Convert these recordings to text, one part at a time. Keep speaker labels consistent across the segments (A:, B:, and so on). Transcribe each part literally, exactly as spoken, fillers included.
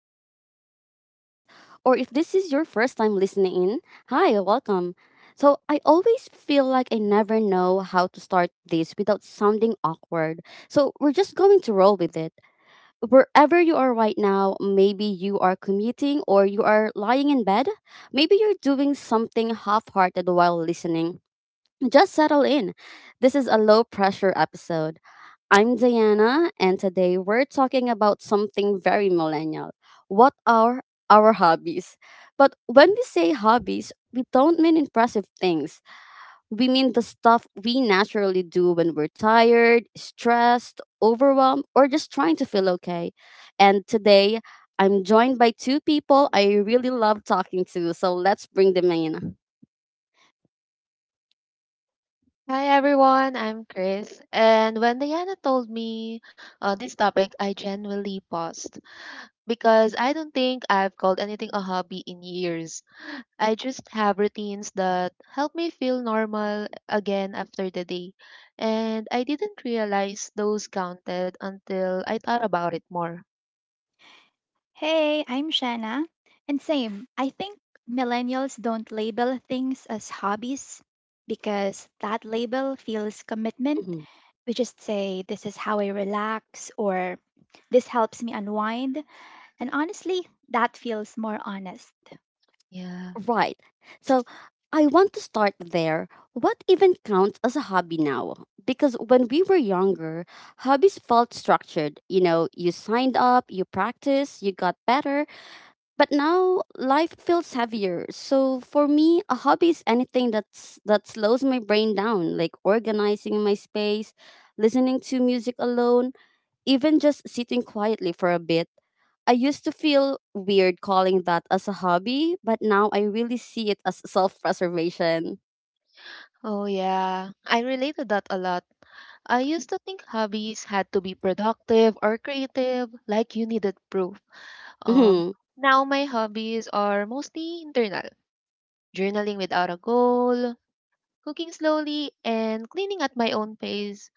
A: to Rosie's podcast. Or if this is your first time listening in, hi, welcome. So I always feel like I never know how to start this without sounding awkward. So we're just going to roll with it. Wherever you are right now, maybe you are commuting or you are lying in bed, maybe you're doing something half-hearted while listening. Just settle in. This is a low pressure episode. I'm Diana, and today we're talking about something very millennial. What are our hobbies? But when we say hobbies, we don't mean impressive things. We mean the stuff we naturally do when we're tired, stressed, overwhelmed, or just trying to feel okay. And today, I'm joined by two people I really love talking to, so let's bring them in.
B: Hi everyone, I'm Chris. And when Diana told me uh, this topic, I genuinely paused because I don't think I've called anything a hobby in years. I just have routines that help me feel normal again after the day. And I didn't realize those counted until I thought about it more.
C: Hey, I'm Shanna. And same, I think millennials don't label things as hobbies because that label feels commitment. We just say, this is how I relax, or this helps me unwind. And honestly, that feels more honest.
B: Yeah.
A: Right. So I want to start there. What even counts as a hobby now? Because when we were younger, hobbies felt structured. You know, you signed up, you practiced, you got better. But now life feels heavier. So for me, a hobby is anything that's that slows my brain down, like organizing my space, listening to music alone, even just sitting quietly for a bit. I used to feel weird calling that as a hobby, but now I really see it as self preservation.
B: Oh, yeah. I related that a lot. I used to think hobbies had to be productive or creative, like you needed proof. Um,
A: hmm
B: Now my hobbies are mostly internal, journaling without a goal, cooking slowly, and cleaning at my own pace,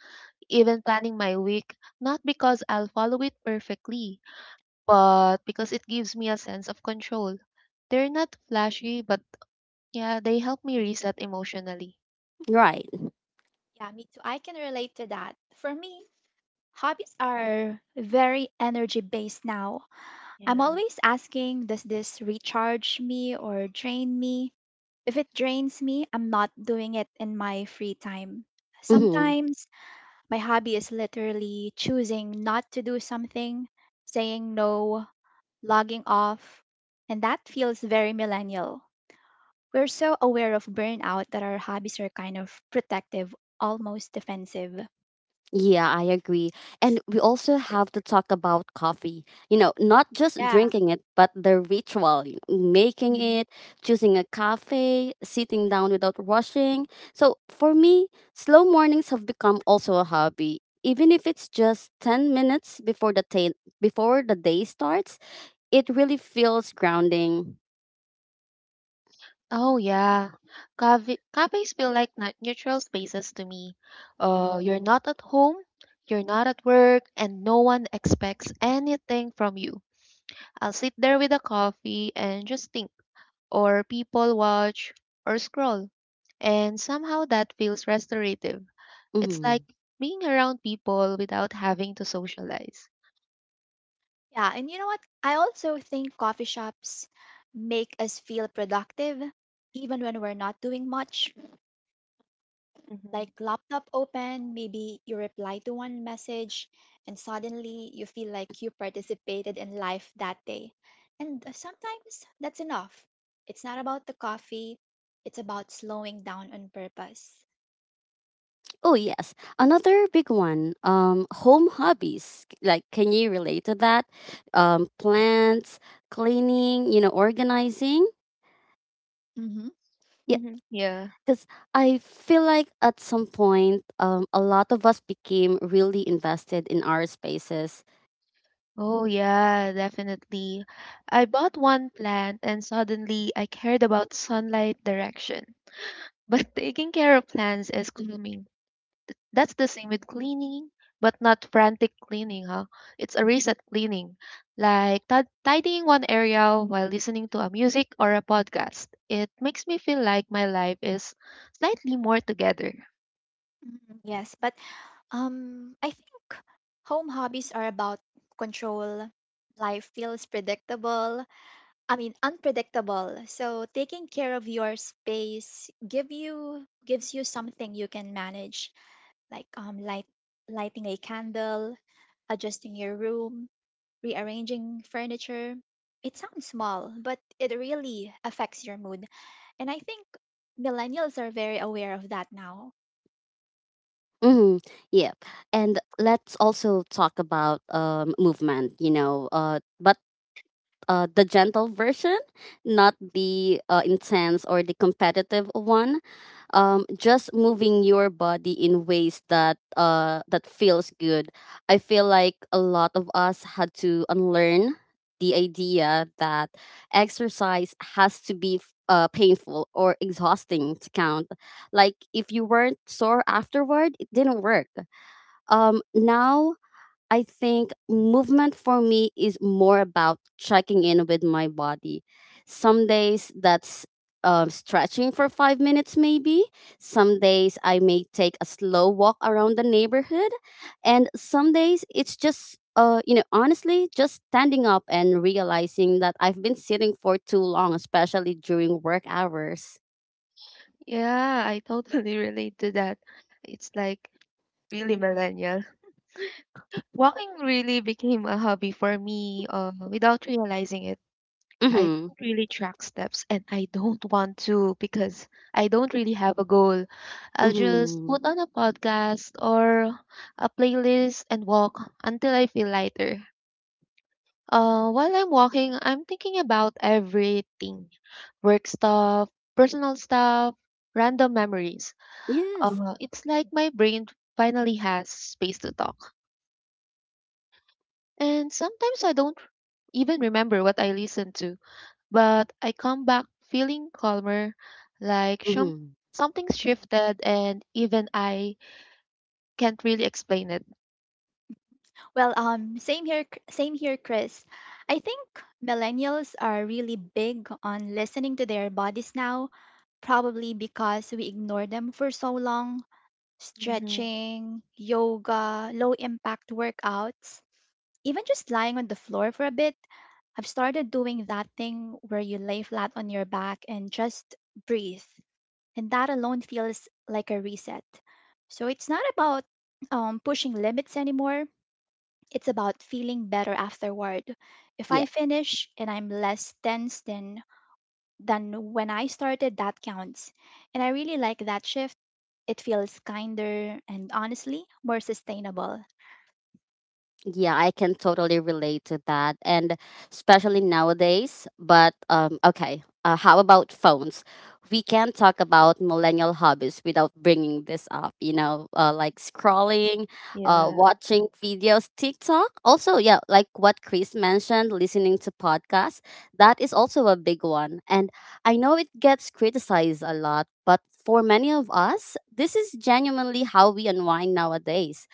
B: even planning my week, not because I'll follow it perfectly, but because it gives me a sense of control. They're not flashy, but yeah, they help me reset emotionally.
A: Right.
C: Yeah, me too. I can relate to that. For me, hobbies are very energy based now. I'm
B: Yeah.
C: always asking, does this recharge me or drain me? If it drains me, I'm not doing it in my free time.
A: hmm
C: Sometimes my hobby is literally choosing not to do something, saying no, logging off, and that feels very millennial. We're so aware of burnout that our hobbies are kind of protective, almost defensive.
A: Yeah, I agree. And we also have to talk about coffee. You know, not just
C: Yeah.
A: drinking it, but the ritual, you know, making
C: Mhm.
A: it, choosing a cafe, sitting down without rushing. So for me, slow mornings have become also a hobby. Even if it's just ten minutes before the ta- before the day starts, it really feels grounding.
B: Oh
C: Yeah.
B: yeah, Cafe cafes feel like nut- neutral spaces to me. Uh, you're not at home, you're not at work, and no one expects anything from you. I'll sit there with a coffee and just think, or people watch, or scroll, and somehow that feels restorative. It's
A: Mm-hmm.
B: like being around people without having to socialize.
C: Yeah. And you know what? I also think coffee shops make us feel productive even when we're not doing much like laptop open, maybe you reply to one message, and suddenly you feel like you participated in life that day. And uh, sometimes that's enough. It's not about the coffee, it's about slowing down on purpose.
A: Oh yes, another big one. Um, home hobbies. C- Like, can you relate to that? Um, plants, cleaning, you know, organizing.
C: Mm-hmm.
A: Yeah,
B: Mhm. Yeah.
A: because I feel like at some point, um, a lot of us became really invested in our spaces.
B: Oh, yeah, definitely. I bought one plant and suddenly I cared about sunlight direction. But taking care of plants is cleaning. That's the same with cleaning, but not frantic cleaning, huh? It's a reset cleaning, like tid- tidying one area while listening to a music or a podcast. It makes me feel like my life is slightly more together.
C: Mhm. Yes, but um, I think home hobbies are about control. Life feels predictable. I mean, unpredictable. So taking care of your space give you gives you something you can manage. Like um, light, lighting a candle, adjusting your room, rearranging furniture. It sounds small, but it really affects your mood. And I think millennials are very aware of that now.
A: Mm, yeah, and let's also talk about um movement. You know, uh, but uh, the gentle version, not the uh, intense or the competitive one. Um, just moving your body in ways that uh, that feels good. I feel like a lot of us had to unlearn the idea that exercise has to be f- uh, painful or exhausting to count. Like if you weren't sore afterward, it didn't work. Um, now I think movement for me is more about checking in with my body. Some days that's um, stretching for five minutes, maybe. Some days I may take a slow walk around the neighborhood. And some days it's just, uh, you know, honestly, just standing up and realizing that I've been sitting for too long, especially during work hours.
B: Yeah, I totally relate to that. It's like really millennial. Walking really became a hobby for me uh, without realizing it. I
A: Mm
B: don't really track steps and I don't want to because I don't really have a goal.
A: hmm.
B: I'll just
A: Mm hmm.
B: put on a podcast or a playlist and walk until I feel lighter. Uh, while I'm walking, I'm thinking about everything, work stuff, personal stuff, random memories.
A: Yes.
B: Uh, it's like my brain finally has space to talk. And sometimes I don't even remember what I listened to, but I come back feeling calmer, like
A: Mm
B: some
A: hmm.
B: something's
C: Mhm.
B: shifted, and even I can't really explain it.
C: Well, um, same here, Ch- same here, Chris. I think millennials are really big on listening to their bodies now, probably because we ignore them for so long.
B: Hmm.
C: Stretching, yoga, low impact workouts, even just lying on the floor for a bit. I've started doing that thing where you lay flat on your back and just breathe. And that alone feels like a reset. So it's not about um, pushing limits anymore, it's about feeling better afterward. If I finish and I'm less tense than than when I started, that counts. And I really like that shift. It feels kinder and honestly more sustainable.
A: Yeah, I can totally relate to that, and especially nowadays. But um, okay, uh, how about phones? We can't talk about millennial hobbies without bringing this up. You know, uh, like scrolling, uh,
B: Yeah.
A: watching videos, TikTok. Also, yeah, like what Chris mentioned, listening to podcasts. That is also a big one, and I know it gets criticized a lot. But for many of us, this is genuinely how we unwind nowadays.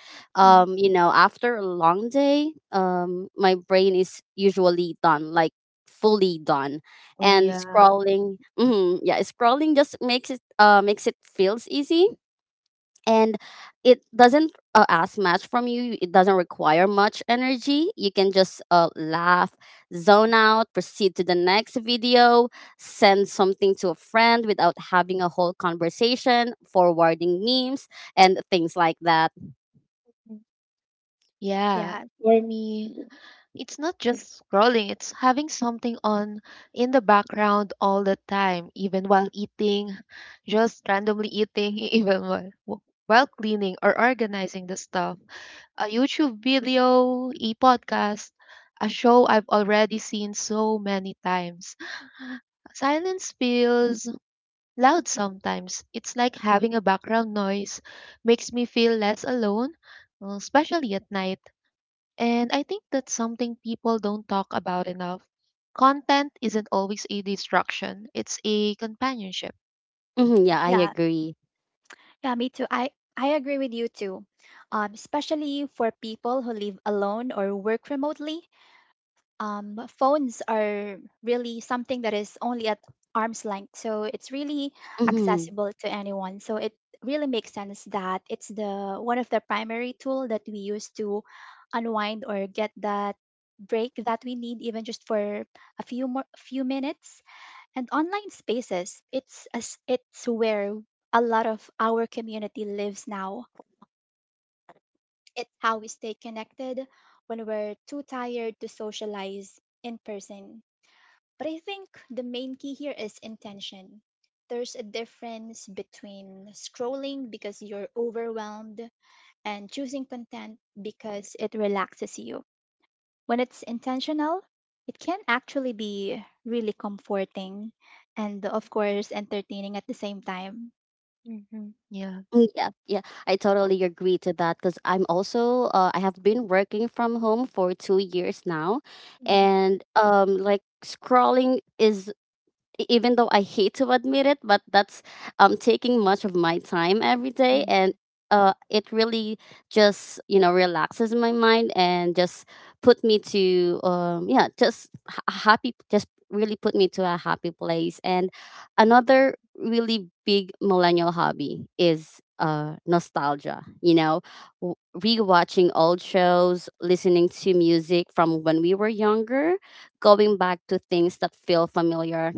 C: Mm.
A: um You know, after a long day um my brain is usually done, like fully done.
B: Oh,
A: And
B: yeah.
A: scrolling, hmm yeah, scrolling just makes it, uh makes it feels easy, and it doesn't uh, ask much from you. It doesn't require much energy. You can just uh, laugh, zone out, proceed to the next video, send something to a friend without having a whole conversation, forwarding memes and things like that.
B: Mhm. Yeah,
C: Yeah,
B: for me, it's not just scrolling, it's having something on in the background all the time, even while eating, just randomly eating, even while, w- while cleaning or organizing the stuff. A YouTube video, a podcast, a show I've already seen so many times. Silence feels loud sometimes. It's like having a background noise, makes me feel less alone, uh, especially at night. And I think that's something people don't talk about enough. Content isn't always a distraction, it's a companionship.
A: Hmm yeah, I
C: yeah,
A: agree.
C: yeah. Me too. I I agree with you too. Um, especially for people who live alone or work remotely, um, phones are really something that is only at arm's length. So it's really
A: Mm-hmm.
C: accessible to anyone. So it really makes sense that it's the one of the primary tool that we use to unwind or get that break that we need even just for a few more few minutes. And online spaces, it's as it's where a lot of our community lives now. It's how we stay connected when we're too tired to socialize in person. But I think the main key here is intention. There's a difference between scrolling because you're overwhelmed and choosing content because it relaxes you. When it's intentional, it can actually be really comforting and, of course, entertaining at the same time.
B: Mm-hmm. Yeah.
A: Yeah, yeah, I totally agree to that because I'm also uh, I have been working from home for two years now,
B: Mm-hmm.
A: and um, like scrolling is e- even though I hate to admit it, but that's um taking much of my time every day. And
B: Mm-hmm.
A: uh it really just, you know, relaxes my mind and just put me to um yeah, just ha- happy, just really put me to a happy place. And another really big millennial hobby is uh nostalgia, you know, w- rewatching old shows, listening to music from when we were younger, going back to things that feel familiar.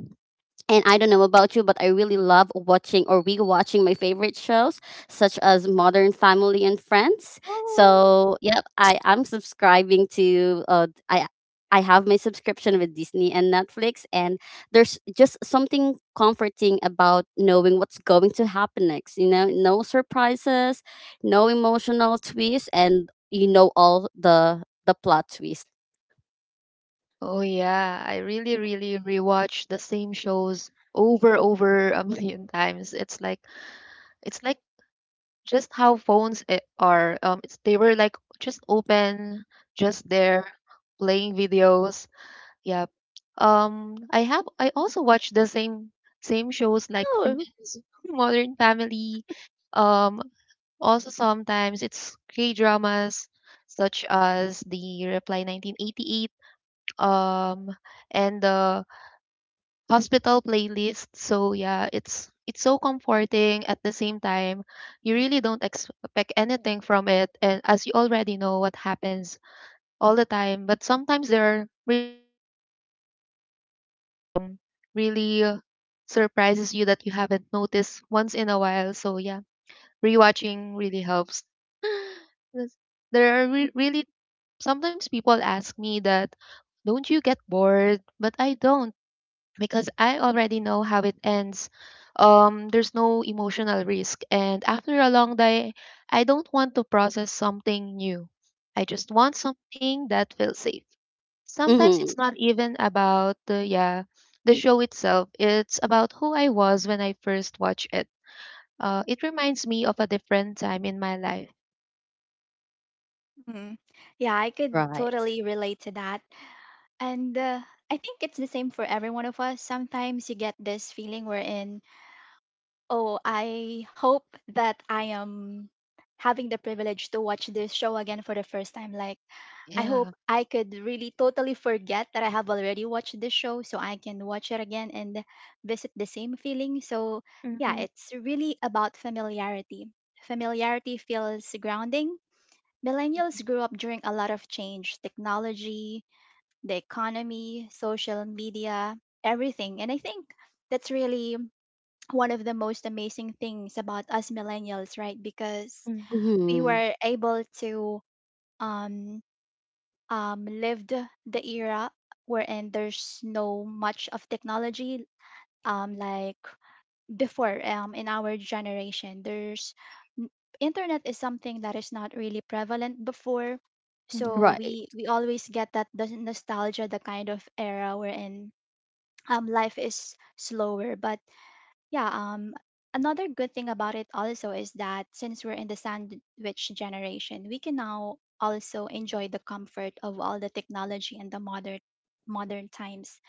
A: And I don't know about you, but I really love watching or rewatching my favorite shows, such as Modern Family and Friends.
B: Oh.
A: So, yep, I am subscribing to. Uh, I I have my subscription with Disney and Netflix, and there's just something comforting about knowing what's going to happen next. You know, no surprises, no emotional twists, and you know all the the plot twists.
B: Oh, yeah, I really, really rewatch the same shows over over a million times. It's like it's like just how phones i- are. Um, it's, they were like just open, just there, playing videos. Yep. Um, I have I also watch the same same shows like
A: Oh.
B: Friends, Modern Family. Um, Also sometimes it's K dramas such as the Reply nineteen eighty-eight um and the hospital playlist. So yeah, it's it's so comforting at the same time. You really don't expect anything from it and as you already know what happens all the time. But sometimes there are really small stops that um, really uh, surprises you that you haven't noticed once in a while. So yeah, rewatching really helps. Yes. There are re- really sometimes people ask me that, don't you get bored? But I don't because I already know how it ends. Um, there's no emotional risk. And after a long day, I don't want to process something new. I just want something that feels safe. Sometimes it's
A: Mhm.
B: not even about the yeah, the show itself. It's about who I was when I first watched it. Uh, it reminds me of a different time in my life.
C: Mhm. Yeah, I could
A: Right.
C: totally relate to that. And uh, I think it's the same for every one of us. Sometimes you get this feeling wherein, oh, I hope that I am having the privilege to watch this show again for the first time. Like, I
B: Yeah.
C: hope I could really totally forget that I have already watched this show so I can watch it again and visit the same feeling. So, yeah,
B: Mm-hmm.
C: it's really about familiarity. Familiarity feels grounding. Millennials grew up during a lot of change, technology, the economy, social media, everything. And I think that's really one of the most amazing things about us millennials, right? Because
B: Mm-hmm.
C: we
A: Mhm.
C: were able to um, um, live the the era wherein there's no much of technology, um, like before, um, in our generation, there's n- internet is something that is not really prevalent before.
B: Mm-hmm.
C: So
A: Right.
C: we we always get that, the nostalgia, the kind of era we're in. um life is slower, but yeah, um another good thing about it also is that since we're in the sandwich generation, we can now also enjoy the comfort of all the technology and the modern modern times.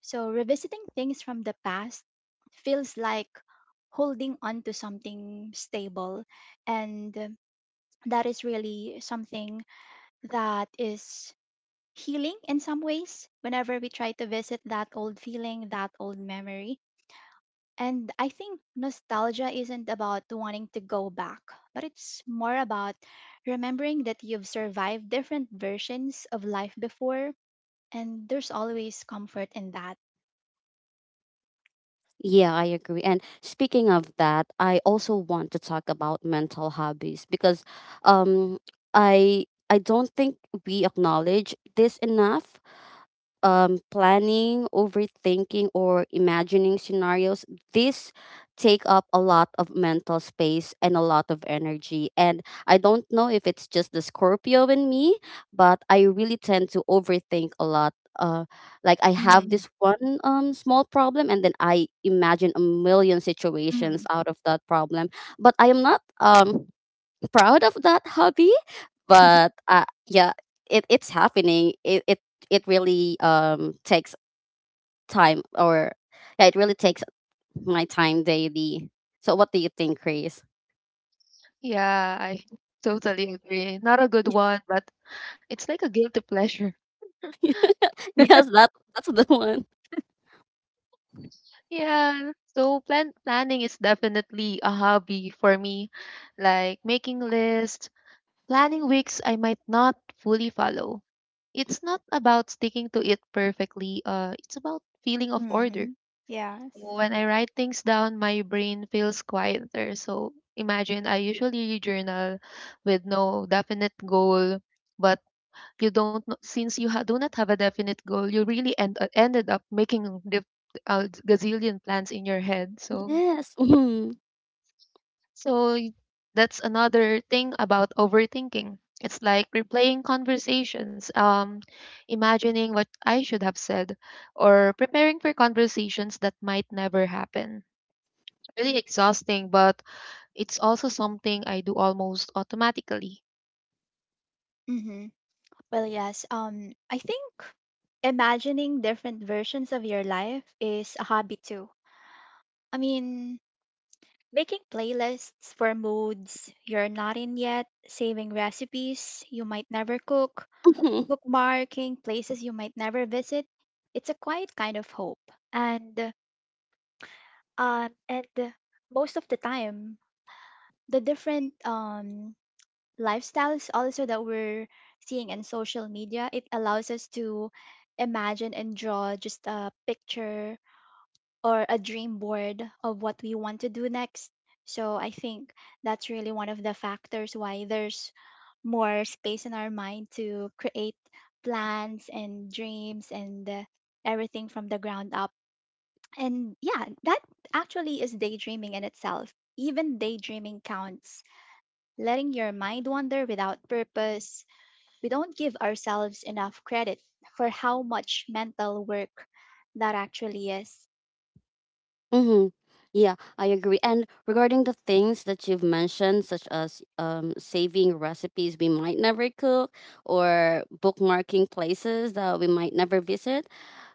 C: So, revisiting things from the past feels like holding on to something stable. And uh, that is really something that is healing in some ways whenever we try to visit that old feeling, that old memory. And I think nostalgia isn't about wanting to go back, but it's more about remembering that you've survived different versions of life before. And there's always comfort in that.
A: Yeah, I agree. And speaking of that, I also want to talk about mental hobbies because um I I don't think we acknowledge this enough. Um, planning, overthinking, or imagining scenarios, these take up a lot of mental space and a lot of energy. And I don't know if it's just the Scorpio in me, but I really tend to overthink a lot. Uh, like I have
C: Mhm,
A: this one um, small problem, and then I imagine a million situations
C: mhm.
A: out of that problem. But I am not. Um, proud of that hobby, but uh, yeah, it, it's happening. It, it it really um takes time, or yeah, it really takes my time daily. So, what do you think, Chris?
B: Yeah, I totally agree. Not a good one, but it's like a guilty pleasure.
A: Yes, that that's the one.
B: Yeah, so plan planning is definitely a hobby for me, like making lists, planning weeks I might not fully follow. It's not about sticking to it perfectly, uh, it's about feeling of order.
C: Mm. Yes.
B: When I write things down, my brain feels quieter. So imagine I usually journal with no definite goal, but you don't know, since you ha- do not have a definite goal you really end, uh, ended up making a dif- gazillion plans in your head. So
A: Yes. Mhm.
B: so y- that's another thing about overthinking, it's like replaying conversations, um imagining what I should have said or preparing for conversations that might never happen, really exhausting, but it's also something I do almost automatically.
C: Mm-hmm. Well, yes. Um, I think imagining different versions of your life is a hobby too. I mean, making playlists for moods you're not in yet, saving recipes you might never cook, bookmarking places you might never visit. It's a quiet kind of hope. And um and most of the time, the different um lifestyles also that we're seeing in social media, it allows us to imagine and draw just a picture or a dream board of what we want to do next. So I think that's really one of the factors why there's more space in our mind to create plans and dreams and uh, everything from the ground up. And yeah, that actually is daydreaming in itself. Even daydreaming counts, letting your mind wander without purpose. We don't give ourselves enough credit for how much mental work that actually is.
A: Mm-hmm. Yeah, I agree. And regarding the things that you've mentioned, such as um, saving recipes we might never cook or bookmarking places that we might never visit,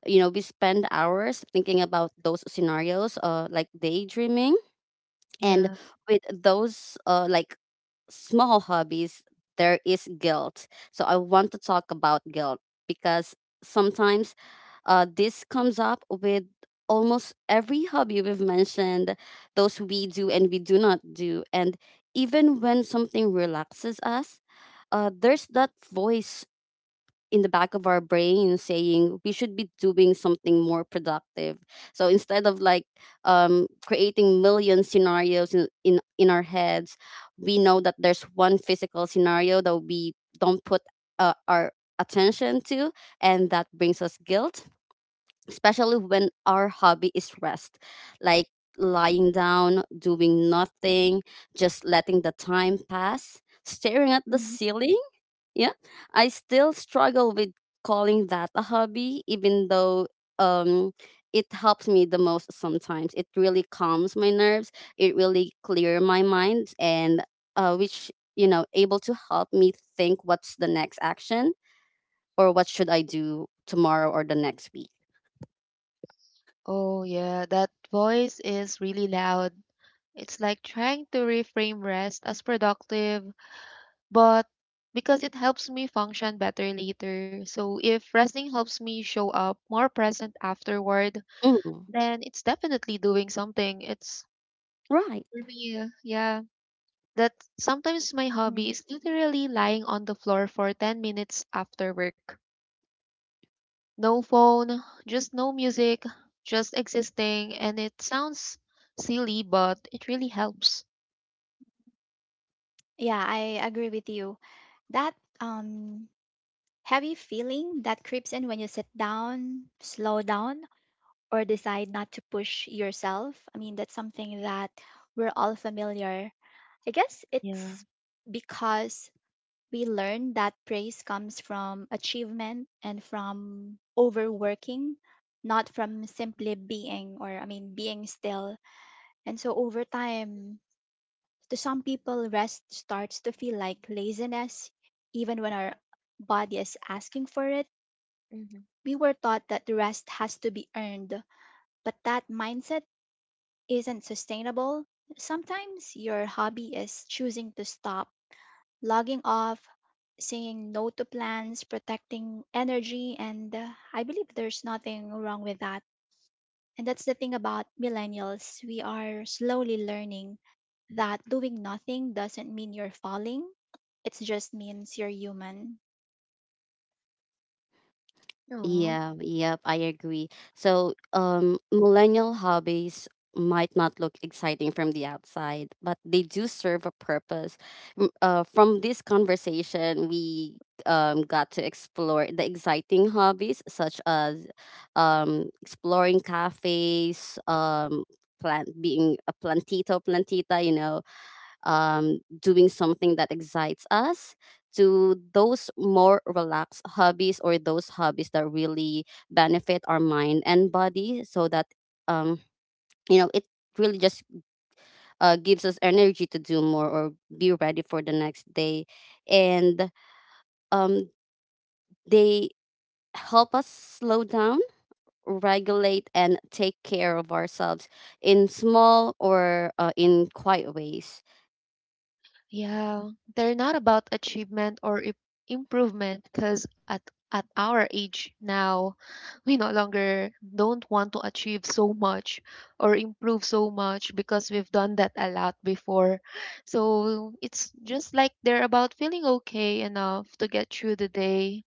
A: you know, we spend hours thinking about those scenarios, uh, like daydreaming. And
B: Yeah.
A: with those uh, like small hobbies, there is guilt. So I want to talk about guilt, because sometimes uh, this comes up with almost every hobby we've mentioned, those we do and we do not do. And even when something relaxes us, uh, there's that voice in the back of our brain saying we should be doing something more productive. So instead of like um, creating million scenarios in, in in our heads, we know that there's one physical scenario that we don't put uh, our attention to, and that brings us guilt, especially when our hobby is rest, like lying down doing nothing, just letting the time pass, staring at the
C: Mhm,
A: ceiling. Yeah, I still struggle with calling that a hobby, even though um, it helps me the most sometimes. It really calms my nerves, it really clear my mind, and uh, which, you know, able to help me think what's the next action or what should I do tomorrow or the next week.
B: Oh yeah, that voice is really loud. It's like trying to reframe rest as productive, but because it helps me function better later. So if resting helps me show up more present afterward,
A: Mm.
B: then it's definitely doing something. It's
A: Right.
B: for me, uh, yeah. That sometimes my hobby
C: mhm.
B: is literally lying on the floor for ten minutes after work. No phone, just no music, just existing. And it sounds silly, but it really helps.
C: Yeah, I agree with you. That um heavy feeling that creeps in when you sit down, slow down, or decide not to push yourself. I mean, that's something that we're all familiar. I guess
B: Yeah.
C: it's because we learn that praise comes from achievement and from overworking, not from simply being, or I mean being still. And so over time, to some people rest starts to feel like laziness, even when our body is asking for it.
B: Mm-hmm.
C: We were taught that the rest has to be earned, but that mindset isn't sustainable. Sometimes your hobby is choosing to stop, logging off, saying no to plans, protecting energy, and uh, I believe there's nothing wrong with that. And that's the thing about millennials. We are slowly learning that doing nothing doesn't mean you're falling, it just means you're human.
A: Yeah, yep, I agree. So, um, millennial hobbies might not look exciting from the outside, but they do serve a purpose. M- Uh, from this conversation, we um, got to explore the exciting hobbies such as um, exploring cafes, um, plant being a plantito plantita, you know, um, doing something that excites us, to those more relaxed hobbies or those hobbies that really benefit our mind and body, so that um, you know, it really just uh, gives us energy to do more or be ready for the next day. And um, they help us slow down, regulate and take care of ourselves in small or uh, in quiet ways.
B: Yeah, they're not about achievement or i- improvement because at at our age now, we no longer don't want to achieve so much or improve so much because we've done that a lot before. So it's just like they're about feeling okay enough to get through the day.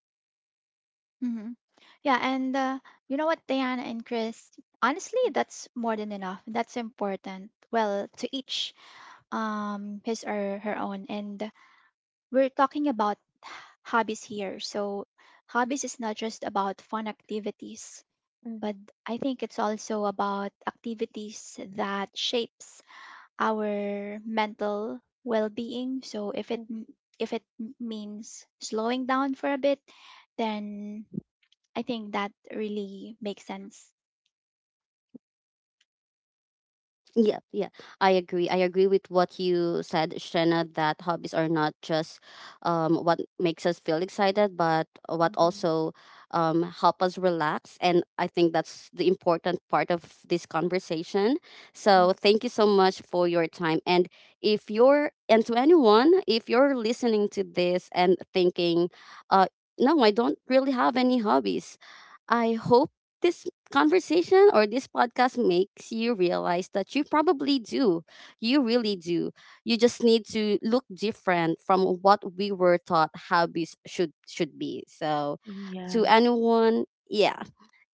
C: Mhm. Yeah, and uh, you know what, Diana and Chris? Honestly, that's more than enough. That's important. Well, to each um his or her own. And we're talking about hobbies here. So hobbies is not just about fun activities, but
B: Mm-hmm.
C: I think it's also about activities that shapes our mental well-being. So if it m- if it m- means slowing down for a bit, then I think that really makes sense.
A: Yeah, yeah, I agree. I agree with what you said, Shena, that hobbies are not just um, what makes us feel excited, but what
B: Mm-hmm.
A: also um, help us relax. And I think that's the important part of this conversation. So
B: Mm-hmm.
A: thank you so much for your time. And if you're, and to anyone, if you're listening to this and thinking, uh, no, I don't really have any hobbies. I hope this conversation or this podcast makes you realize that you probably do. You really do. You just need to look different from what we were taught hobbies should should be. So
B: Yeah.
A: to anyone, yeah.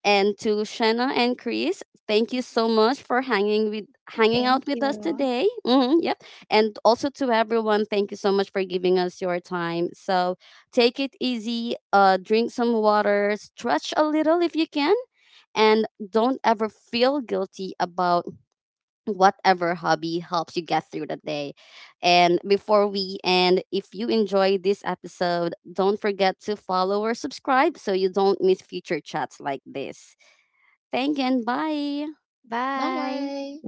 A: And to Shanna and Chris, thank you
B: Mhm.
A: so much for hanging with hanging
C: Thank
A: out with us
C: you.
A: today. Hmm yep. And also to everyone, thank you so much for giving us your time. So take it easy, uh, drink some water, stretch a little if you can, and don't ever feel guilty about whatever hobby helps you get through the day. And before we end, if you enjoyed this episode, don't forget to follow or subscribe so you don't miss future chats like this. Thank you and bye.
C: Bye.
B: Bye.